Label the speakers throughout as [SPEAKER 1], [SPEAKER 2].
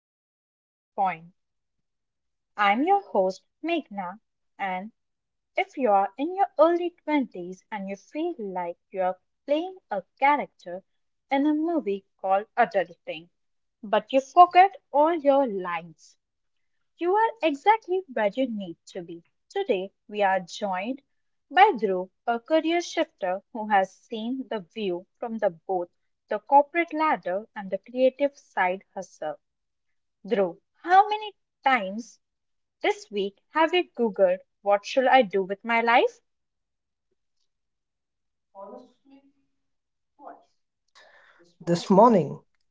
[SPEAKER 1] to the Pivot Point. I'm your host, Meghna, and if you are in your early 20s and you feel like you're playing a character in a movie called Adulting, but you forget all your lines, you are exactly where you need to be. Today, we are joined by Dhruv, a career shifter who has seen the view from the both the corporate ladder and the creative side hustle. Dhruv, how many times this week have you Googled what should I do with my life?
[SPEAKER 2] Honestly, twice this morning,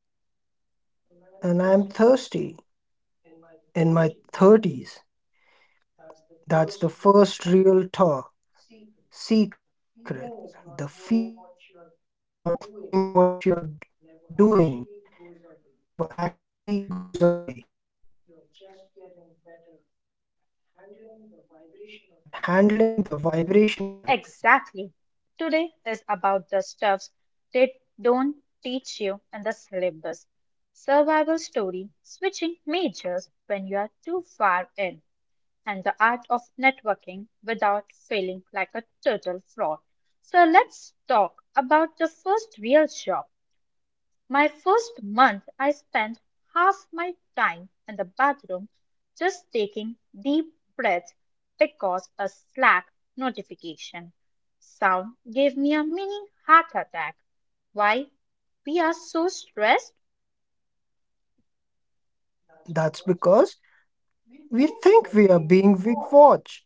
[SPEAKER 2] and I'm thirsty in my 30s. That's the first real thaw secret. The feeling is not knowing what you're doing never actually goes away. You are just getting better at handling the vibration of it.
[SPEAKER 1] Exactly. Today is about the stuffs they don't teach you in the syllabus. Survival story, switching majors when you are too far in, and the art of networking without feeling like a total fraud. So let's talk about the first real job. My first month, I spent half my time in the bathroom just taking deep breaths because a Slack notification sound gave me a mini heart attack. Why? We are so stressed,
[SPEAKER 2] That's because we think we are being big watched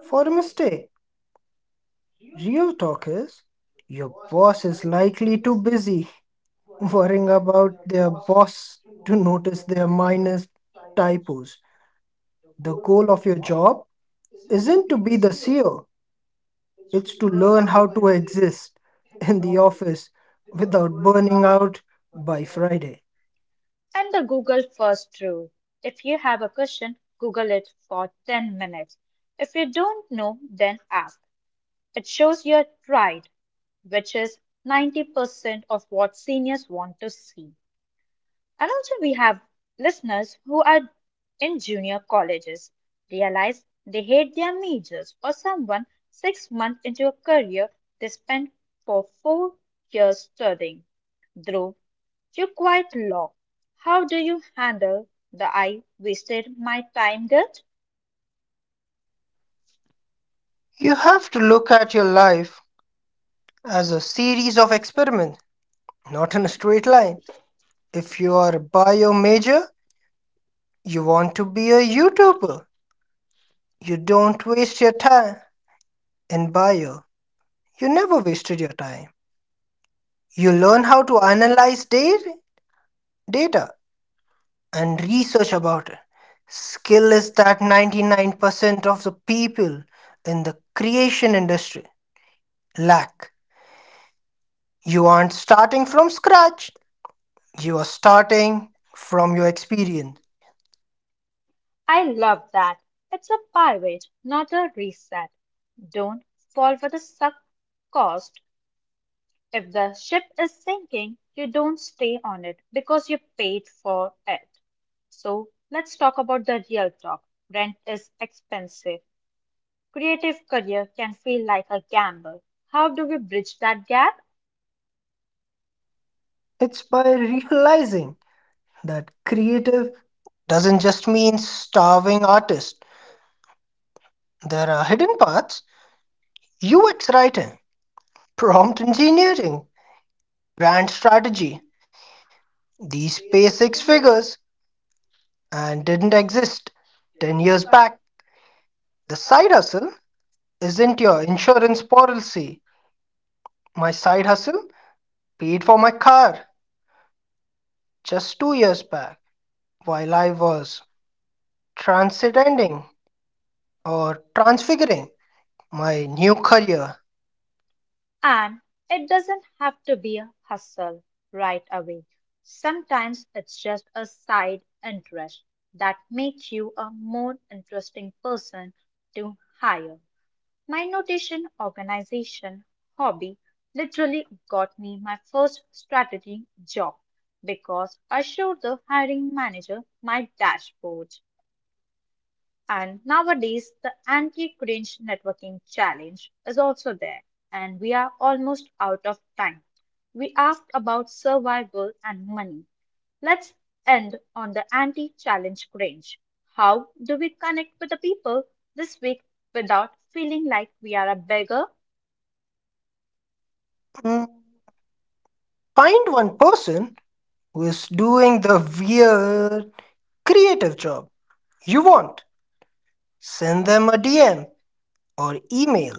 [SPEAKER 2] for a mistake. Real talk is your boss is likely too busy worrying about their boss to notice their minus typos. The goal of your job isn't to be the CEO, it's to learn how to exist in the office without burning out by Friday.
[SPEAKER 1] and the Google first rule. If you have a question, Google it for 10 minutes. If you don't know, then ask. It shows you are tried, which is 90% of what seniors want to see. And also, we have listeners who are in junior colleges, realize they hate their majors, or someone 6 months into a career they spent for 4 years studying. Dhruv, you quite law. How do you handle the I wasted my time guilt?
[SPEAKER 2] You have to look at your life as a series of experiments, not in a straight line. If you are a bio major, you want to be a YouTuber. You don't waste your time in bio. You never wasted your time. You learn how to analyze data and research about it. Skill is that 99% of the people in the creation industry lack. You aren't starting from scratch, you are starting from your experience.
[SPEAKER 1] I love that. It's a pivot, not a reset. Don't fall for the suck cost. If the ship is sinking, you don't stay on it because you paid for it. So let's talk about the real talk. Rent is expensive. Creative career can feel like a gamble. How do we bridge that gap?
[SPEAKER 2] It's by realizing that creative doesn't just mean starving artists, there are hidden paths. UX writing, prompt engineering, brand strategy. These pay six figures and didn't exist 10 years back. The side hustle isn't your insurance policy. My side hustle paid for my car just 2 years back while I was transcending or transfiguring my new career.
[SPEAKER 1] And it doesn't have to be a hustle right away. Sometimes it's just a side interest that makes you a more interesting person to hire. My notation, organization, hobby literally got me my first strategy job because I showed the hiring manager my dashboard. And nowadays, the anti cringe networking challenge is also there, and we are almost out of time. We asked about survival and money. Let's end on the anti challenge cringe. How do we connect with the people this week without feeling like we are a beggar?
[SPEAKER 2] Mm, find one person who is doing the weird creative job you want. Send them a DM or email.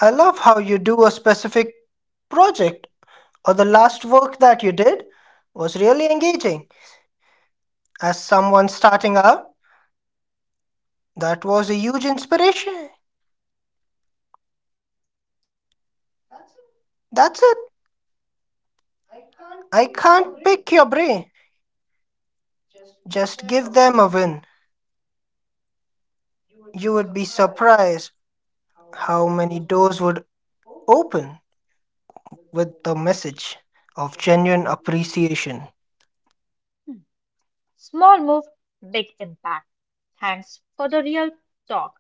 [SPEAKER 2] I love how you do a specific project, or the last work that you did was really engaging. As someone starting out, that was a huge inspiration. That's it. I can't pick your brain. Just give them a win. You would be surprised how many doors would open with the message of genuine appreciation.
[SPEAKER 1] Hmm. Small move, big impact. Thanks for the real talk,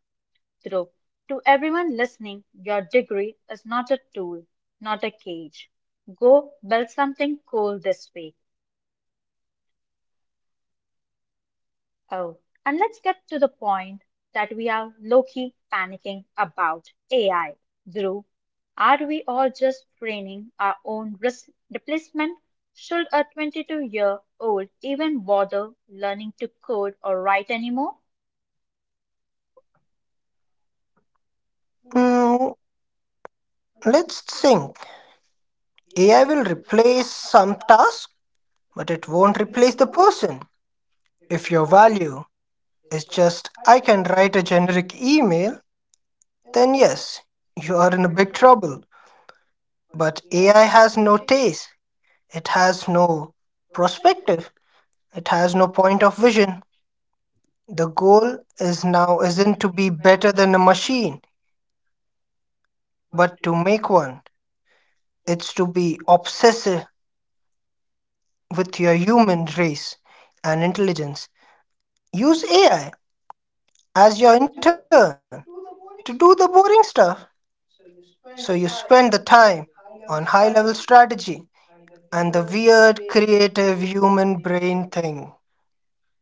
[SPEAKER 1] Dhruv. To everyone listening, your degree is not a tool, not a cage. Go build something cool this week. Oh, and let's get to the point that we are low key panicking about AI. Dhruv, are we all just training our own risk replacement? Should a 22-year-old even bother learning to code or write anymore?
[SPEAKER 2] Hmm, let's think. AI will replace some tasks, but it won't replace the person. If your value is just, I can write a generic email, then yes, you are in a big trouble. But AI has no taste, it has no perspective, it has no point of vision. The goal is now isn't to be better than a machine, but to make one. It's to be obsessive with your human race and intelligence. Use AI as your intern to do the boring stuff so you spend the time on high level strategy and the weird creative human brain thing.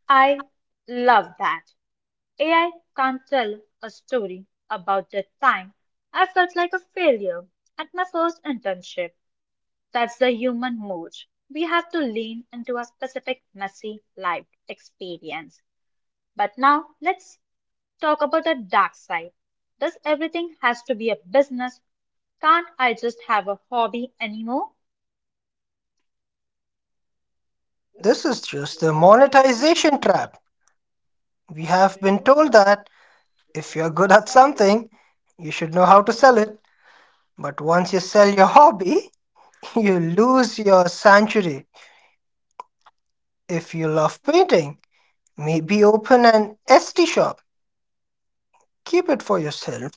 [SPEAKER 1] I love that. AI can't tell a story about the time I felt like a failure at my first internship. That's the human mode. We have to lean into a specific messy life experience. But now let's talk about the dark side. Does everything has to be a business? Can't I just have a hobby anymore?
[SPEAKER 2] This is just the monetization trap. We have been told that if you're good at something, you should know how to sell it. But once you sell your hobby, you lose your sanctuary. If you love painting, maybe open an ST shop. Keep it for yourself.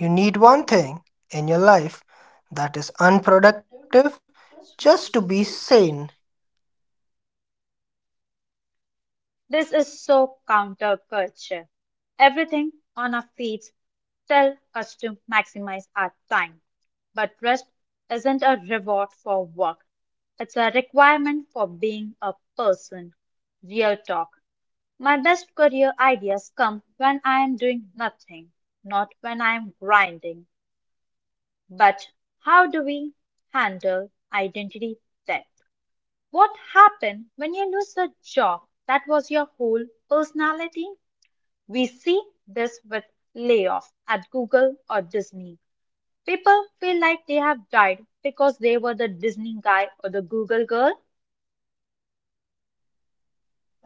[SPEAKER 2] You need one thing in your life that is unproductive just to be sane.
[SPEAKER 1] This is so counterculture. Everything on our feeds tell us to maximize our time, but rest isn't a reward for work. It's a requirement for being a person. Real talk. My best career ideas come when I am doing nothing, not when I am grinding. But how do we handle identity theft? What happens when you lose a job that was your whole personality? We see this with layoff at Google or Disney. People feel like they have died because they were the Disney guy or the Google girl.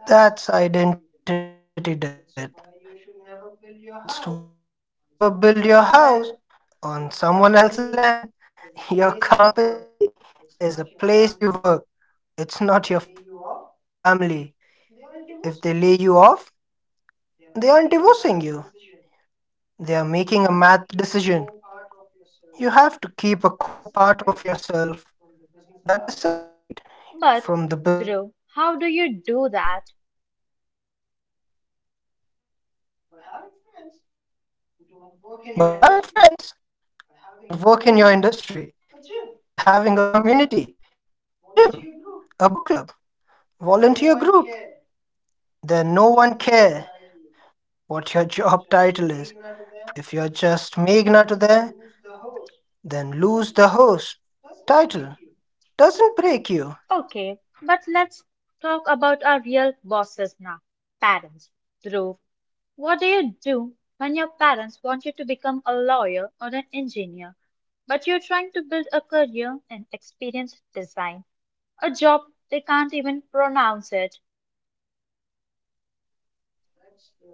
[SPEAKER 2] That's identity debt. It's why you should never build your house on someone else's land. Your company is a place you work, it's not your family. If they lay you off, they aren't divorcing you, they are making a math decision. You have to keep a core part of yourself that is separate from the business card.
[SPEAKER 1] But, Drew, how do you do that?
[SPEAKER 2] By having friends who don't work in your industry, by having a community, a gym, a book club, volunteer group, then no one care what your job title is. If you're just Meghna to there, then lose the host title. Doesn't break you.
[SPEAKER 1] Okay, but let's talk about our real bosses now parents. Drew, what do you do when your parents want you to become a lawyer or an engineer, but you're trying to build a career in experience design, a job they can't even pronounce it?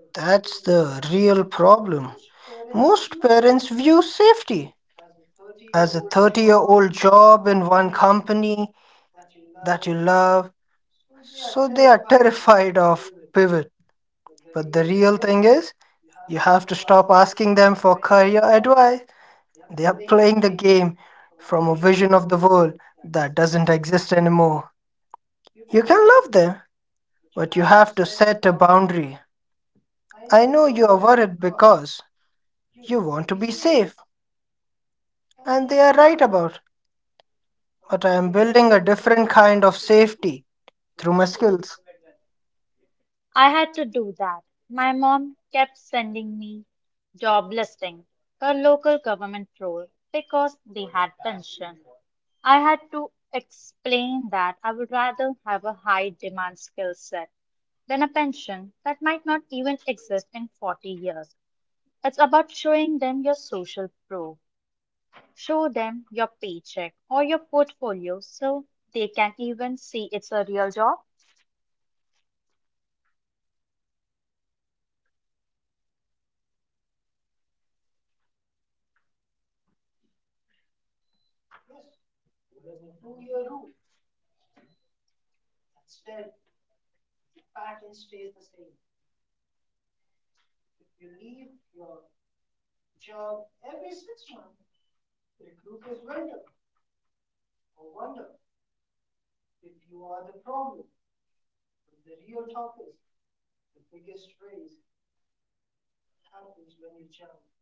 [SPEAKER 2] That's the real problem. Most parents view safety as a 30-year-old job in one company that you love, so they are terrified of pivot. But the real thing is, you have to stop asking them for career advice. They are playing the game from a vision of the world that doesn't exist anymore. You can love them, but you have to set a boundary. I know you are worried because you want to be safe, and they are right about, but I am building a different kind of safety through my skills.
[SPEAKER 1] I had to do that. My mom kept sending me job listing for local government role because they had pension. I had to explain that I would rather have a high demand skill set than a pension that might not even exist in 40 years. It's about showing them your social proof. Show them your paycheck or your portfolio so they can even see it's a real job.
[SPEAKER 2] Yes, there's a 2 year rule that's dead, but the pattern stays the same. If you leave your job every 6 months, recruiters wonder if you are the problem. But the real talk is the biggest race happens when you jump.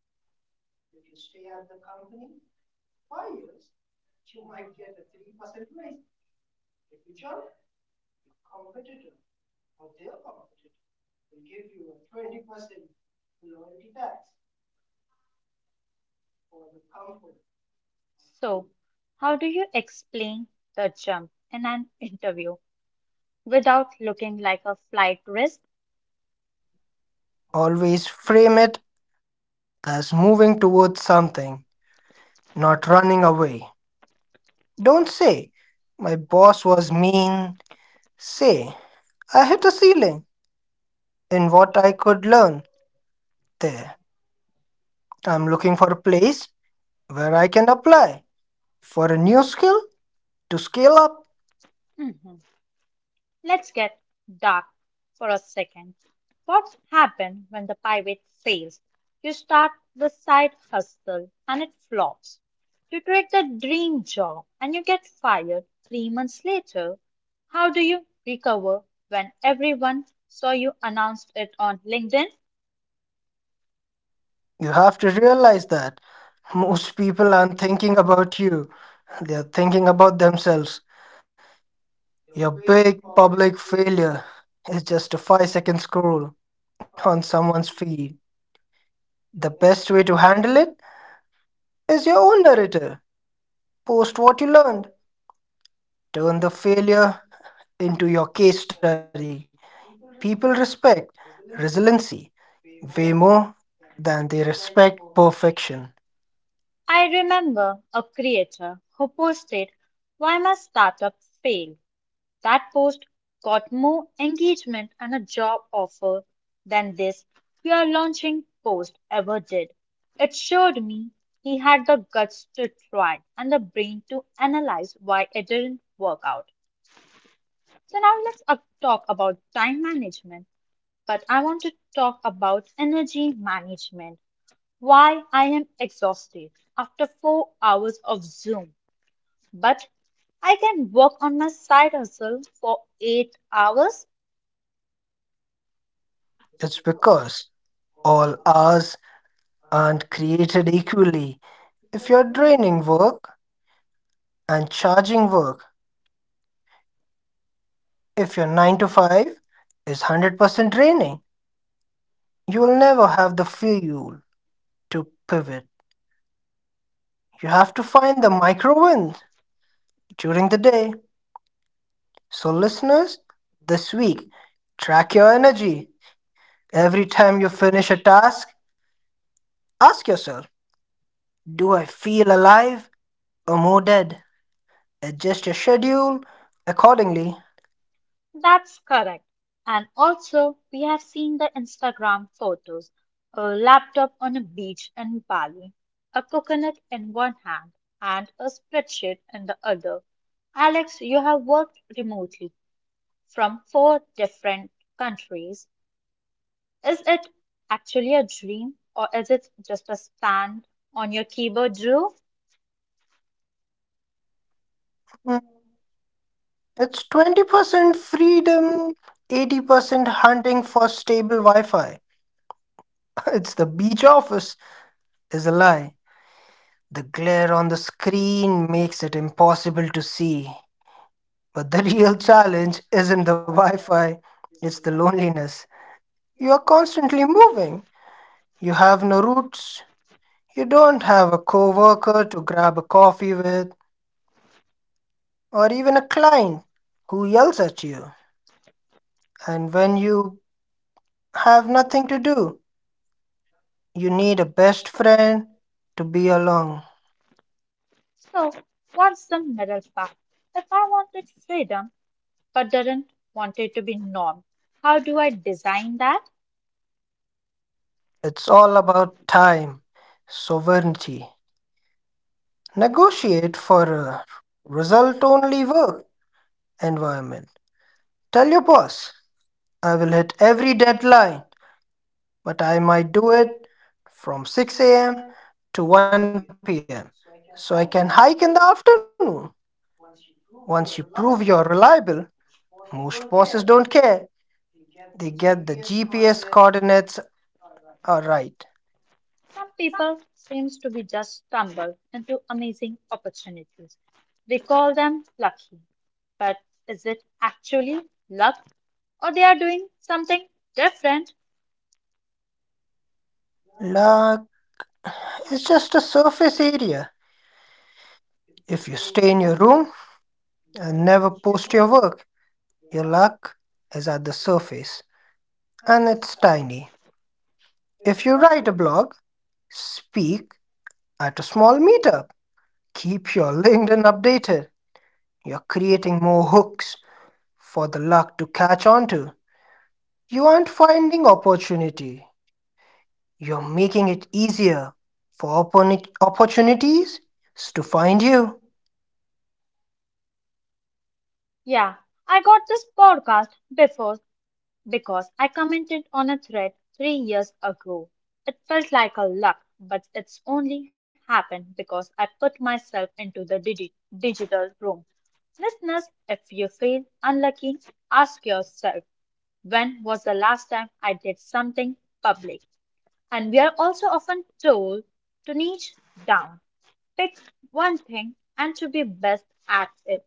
[SPEAKER 2] If you stay at the company for 5 years, you might get a 3% raise. But if you jump, your competitor or their competitor will give you a 20% loyalty tax for the comfort of
[SPEAKER 1] So,
[SPEAKER 2] you.
[SPEAKER 1] how do you explain the jump in an interview without looking like a flight risk?
[SPEAKER 2] Always frame it as moving towards something, not running away. Don't say, my boss was mean. Say, I hit a ceiling in what I could learn there. I'm looking for a place where I can apply for a new skill to scale up.
[SPEAKER 1] Mhm. Let's get dark for a second. What happens when the pivot fails? You start the side hustle and it flops. You take the dream job and you get fired 3 months later. How do you recover when everyone saw you announced it on LinkedIn?
[SPEAKER 2] You have to realize that most people aren't thinking about you, they're thinking about themselves. Your big public failure is just a 5-second scroll on someone's feed. The best way to handle it is your own narrative. Post what you learned, turn the failure into your case study. People respect resiliency way more than they respect perfection.
[SPEAKER 1] I remember a creator who posted, why my startup failed. That post got more engagement and a job offer than this we are launching post ever did. It showed me he had the guts to try and the brain to analyze why it didn't work out. So now let's talk about time management, but I want to talk about energy management. Why I am exhausted after 4 hours of Zoom but I can work on my side hustle for 8 hours.
[SPEAKER 2] It's because all hours aren't created equally. If you're draining work and charging work, if your 9 to 5 is 100% draining, you will never have the fuel to pivot. You have to find the micro wins during the day. So, listeners, this week, track your energy. Every time you finish a task, ask yourself, do I feel alive or more dead? Adjust your schedule accordingly.
[SPEAKER 1] That's correct. And also, we have seen the Instagram photos a laptop on a beach in Bali, a coconut in one hand, and a spreadsheet in the other. Alex, you have worked remotely from four different countries. Is it actually a dream or is it just a stand on your keyboard, Drew?
[SPEAKER 2] Hmm. It's 20% freedom, 80% hunting for stable Wi Fi. It's the beach office, is a lie. The glare on the screen makes it impossible to see. But the real challenge isn't the Wi Fi, it's the loneliness. You are constantly moving. You have no roots. You don't have a coworker to grab a coffee with, or even a client who yells at you. And when you have nothing to do, you need a best friend to be along.
[SPEAKER 1] So what's the middle path? If I wanted freedom but didn't want it to be norm, how do I design that?
[SPEAKER 2] It's all about time, sovereignty. Negotiate for a result only work environment. Tell your boss, I will hit every deadline, but I might do it from 6 a.m. to 1 p.m. so I can hike in the afternoon. Once you prove you're reliable, most bosses don't care. They get the GPS coordinates are right.
[SPEAKER 1] Some people seems to be just stumble into amazing opportunities. We call them lucky, but is it actually luck or they are doing something different?
[SPEAKER 2] La, it's just a surface area. If you stay in your room and never post your work, your luck is at the surface and it's tiny. If you write a blog, speak at a small meetup, keep your LinkedIn updated, you're creating more hooks for the luck to catch onto. You aren't finding opportunity, you're making it easier for opportunities to find you.
[SPEAKER 1] Yeah, I got this podcast before because I commented on a thread 3 years ago. It felt like a luck, but it's only happened because I put myself into the digital room. Listeners, if you feel unlucky, ask yourself when was the last time I did something public? And we are also often told to niche down, pick one thing, and to be best at it.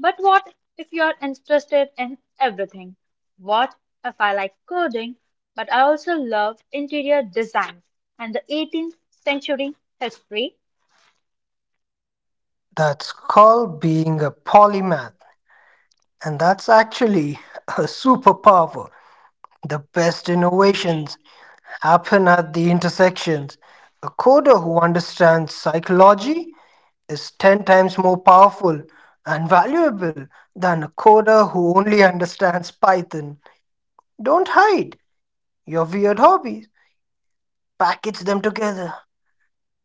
[SPEAKER 1] But what if you're interested in everything? What if I like coding, but I also love interior design and the 18th century history?
[SPEAKER 2] That's called being a polymath. And that's actually a superpower. The best innovations happen at the intersections. A coder who understands psychology is 10 times more powerful and valuable than a coder who only understands Python. Don't hide your weird hobbies, package them together.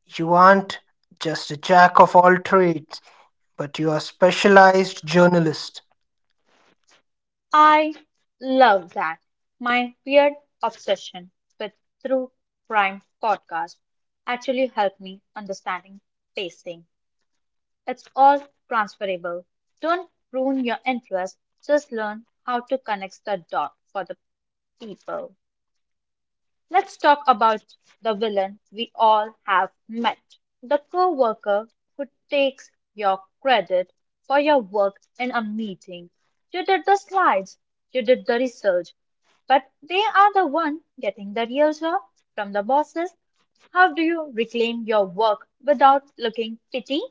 [SPEAKER 2] You aren't just a jack of all trades, but you are a specialized journalist.
[SPEAKER 1] I love that. My weird obsession with True Crime podcast actually helped me understanding pacing. It's all transferable. Don't ruin your interest, just learn how to connect the dot for the people. Let's talk about the villain we all have met. The coworker who takes your credit for your work in a meeting. You did the slides, you did the research, but they are the one getting the real job from the bosses. How do you reclaim your work without looking petty?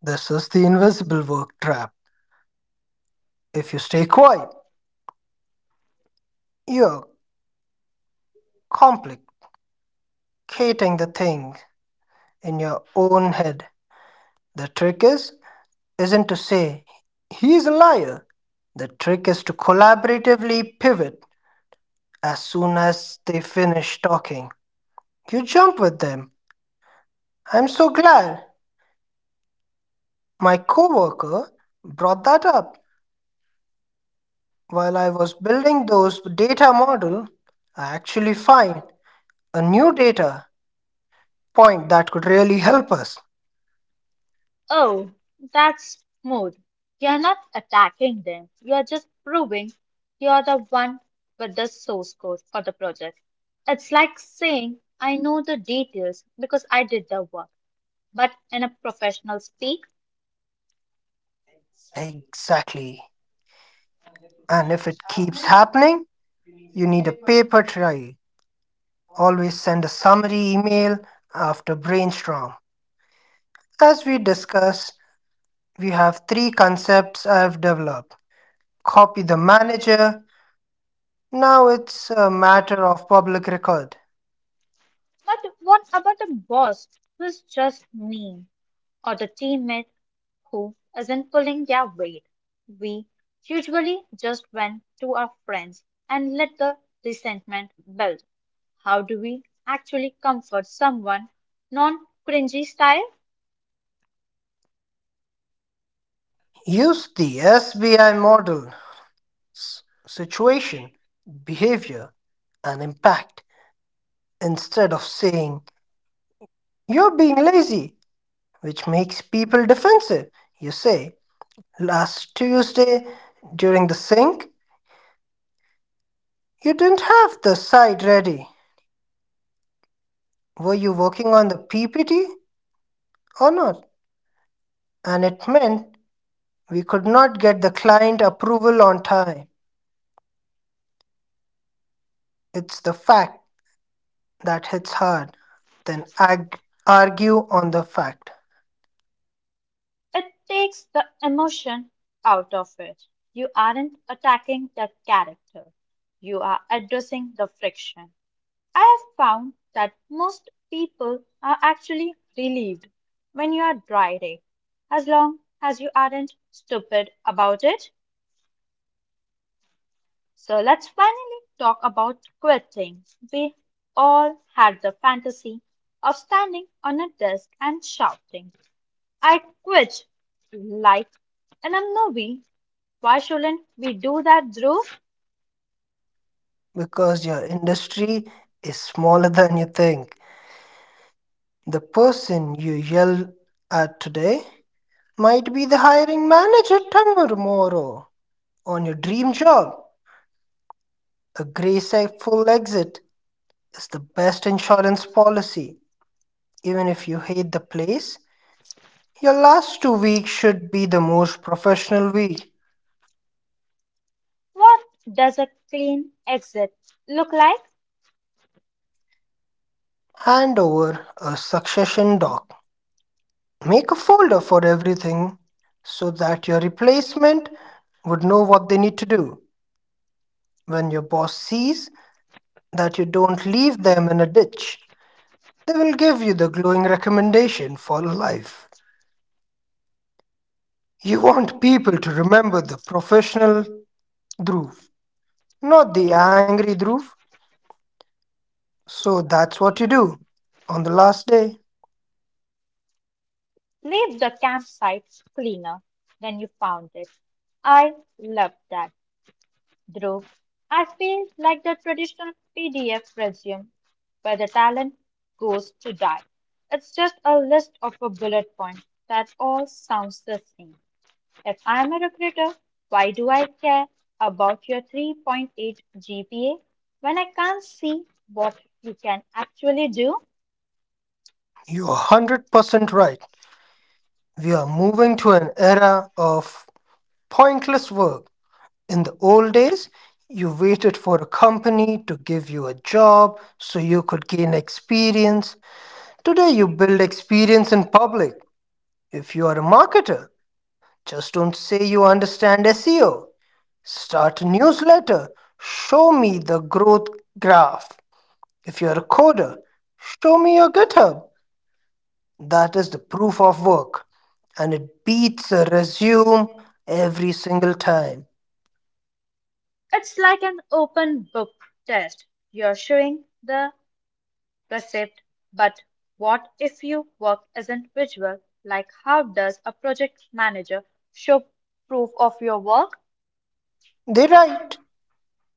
[SPEAKER 2] This is the invisible work trap. If you stay quiet, you're complicating the thing in your own head. The trick is isn't to say he's a liar. The trick is to collaboratively pivot as soon as they finish talking. You jump with them. I'm so glad my coworker brought that up. While I was building those data model, I actually find a new data point that could really help us.
[SPEAKER 1] Oh, that's smooth. You're not attacking them. You're just proving you're the one with the source code for the project. It's like saying, I know the details because I did the work, but in a professional speak.
[SPEAKER 2] Exactly. And if it keeps happening, you need a paper trail. Always send a summary email after brainstorm. As we discussed, we have three concepts I've developed. Copy the manager. Now it's a matter of public record.
[SPEAKER 1] But what about the boss who's just mean, or the teammate who isn't pulling their weight? We usually just vent to our friends and let the resentment build. How do we actually comfort someone non cringy style?
[SPEAKER 2] Use the SBI model, situation, behavior, and impact, instead of saying you're being lazy, which makes people defensive. You say, last Tuesday during the sync, you didn't have the site ready. Were you working on the PPT or not? And it meant we could not get the client approval on time. It's the fact that hits hard. Then argue on the fact,
[SPEAKER 1] It takes the emotion out of it. You aren't attacking the character, you are addressing the friction. I have found that most people are actually relieved when you are dry as long as you aren't stupid about it. So let's finally talk about quitting. We all had the fantasy of standing on a desk and shouting, I quit, like in a movie. Why shouldn't we do that, Drew?
[SPEAKER 2] because your industry is smaller than you think. The person you yell at today might be the hiring manager tomorrow on your dream job. A graceful exit is the best insurance policy. Even if you hate the place, your last 2 weeks should be the most professional week.
[SPEAKER 1] What does a clean exit look like?
[SPEAKER 2] Hand over a succession doc. Make a folder for everything so that your replacement would know what they need to do. When your boss sees that you don't leave them in a ditch, they will give you the glowing recommendation for life. You want people to remember the professional Dhruv, not the angry Dhruv. So that's what you do on the last day.
[SPEAKER 1] Leave the campsite cleaner than you found it. I love that, Dhruv. I feel like the traditional PDF resume where the talent goes to die. It's just a list of a bullet point that all sounds the same. If I'm a recruiter, why do I care about your 3.8 GPA when I can't see what you can actually do?
[SPEAKER 2] You're 100% right. We are moving to an era of pointless work. In the old days, you waited for a company to give you a job so you could gain experience. Today, you build experience in public. If you are a marketer, just don't say you understand SEO. Start a newsletter. Show me the growth graph. If you're a coder, show me your GitHub. That is the proof of work. And it beats a resume every single time.
[SPEAKER 1] It's like an open book test. You're showing the perceived. But what if your work isn't visual? Like, how does a project manager show proof of your work?
[SPEAKER 2] They write.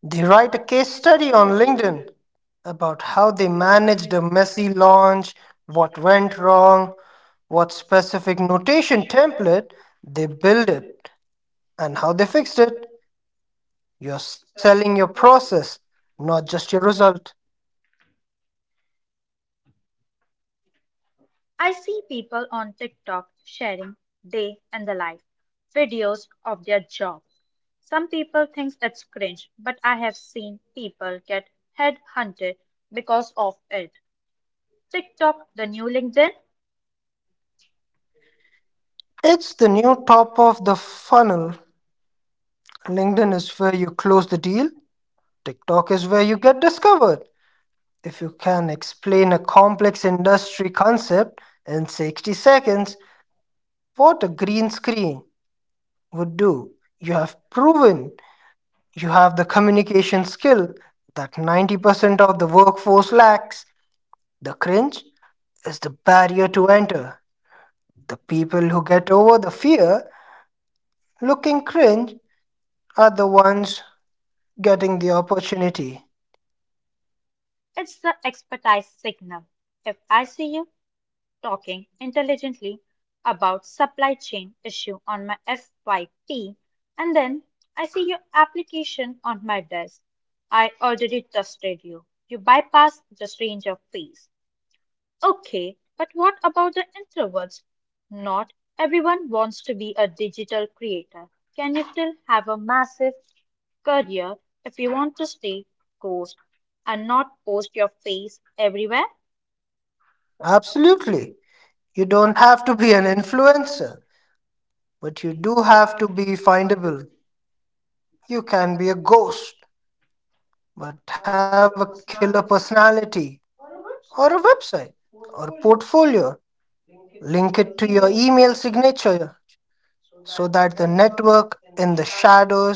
[SPEAKER 2] They write a case study on LinkedIn about how they managed a messy launch, what went wrong, what specific notation template they built it, and how they fixed it. You're selling your process, not just your result.
[SPEAKER 1] I see people on TikTok sharing day and the life videos of their jobs. Some people think it's cringe, but I have seen people get headhunted because of it. TikTok, the new LinkedIn,
[SPEAKER 2] It's the new top of the funnel. LinkedIn is where you close the deal. TikTok is where you get discovered. If you can explain a complex industry concept in 60 seconds, what a green screen would do, you have proven you have the communication skill that 90% of the workforce lacks. The cringe is the barrier to enter. The people who get over the fear looking cringe are the ones getting the opportunity.
[SPEAKER 1] it's the expertise signal. If I see you talking intelligently about supply chain issue on my FYP and then I see your application on my desk. I already trusted you. You bypassed the range of phase. Okay, but what about the introverts? Not everyone wants to be a digital creator. Can you still have a massive career if you want to stay ghost and not post your face everywhere?
[SPEAKER 2] Absolutely. You don't have to be an influencer, but you do have to be findable. You can be a ghost, but have a killer personality, or a website, or a portfolio. Link it to your email signature so that the network in the shadows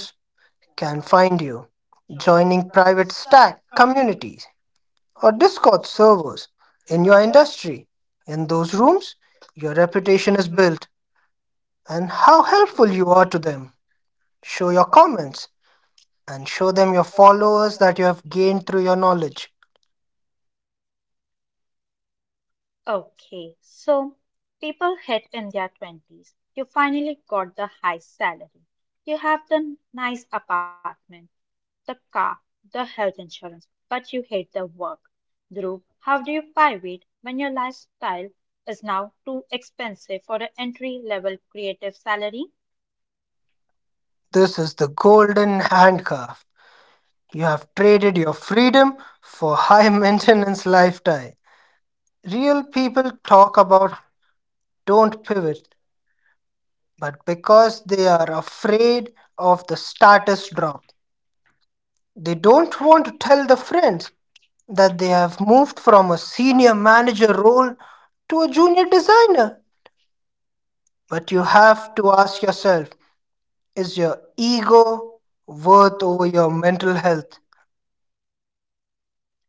[SPEAKER 2] can find you. Joining private stack communities or Discord servers in your industry. In those rooms, your reputation is built and how helpful you are to them. Show your comments and show them your followers that you have gained through your knowledge.
[SPEAKER 1] Okay, so people hit in their 20s. You finally got the high salary. You have the nice apartment, the car, the health insurance, but you hate the work. Dhruv, how do you pivot when your lifestyle is now too expensive for an entry level creative salary?
[SPEAKER 2] This is the golden handcuff. You have traded your freedom for high maintenance lifestyle. Real people talk about don't pivot, but because they are afraid of the status drop, they don't want to tell the friends that they have moved from a senior manager role to a junior designer. But you have to ask yourself, is your ego worth over your mental health?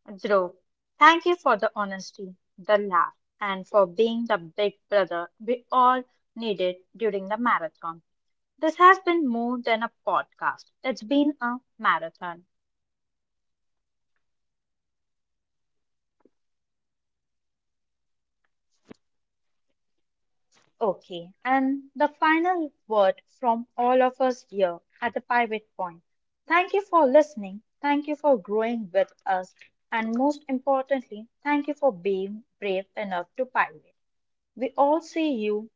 [SPEAKER 1] Dhruv, thank you for the honesty, the laugh, and for being the big brother we all needed during the marathon. This has been more than a podcast, it's been a marathon. Okay, and the final word from all of us here at the Pivot Point. Thank you for listening, thank you for growing with us, and most importantly, thank you for being brave enough to pivot. We all see you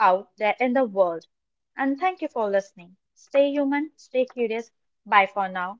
[SPEAKER 1] out there in the world, and thank you for listening. Stay human, stay curious. Bye for now.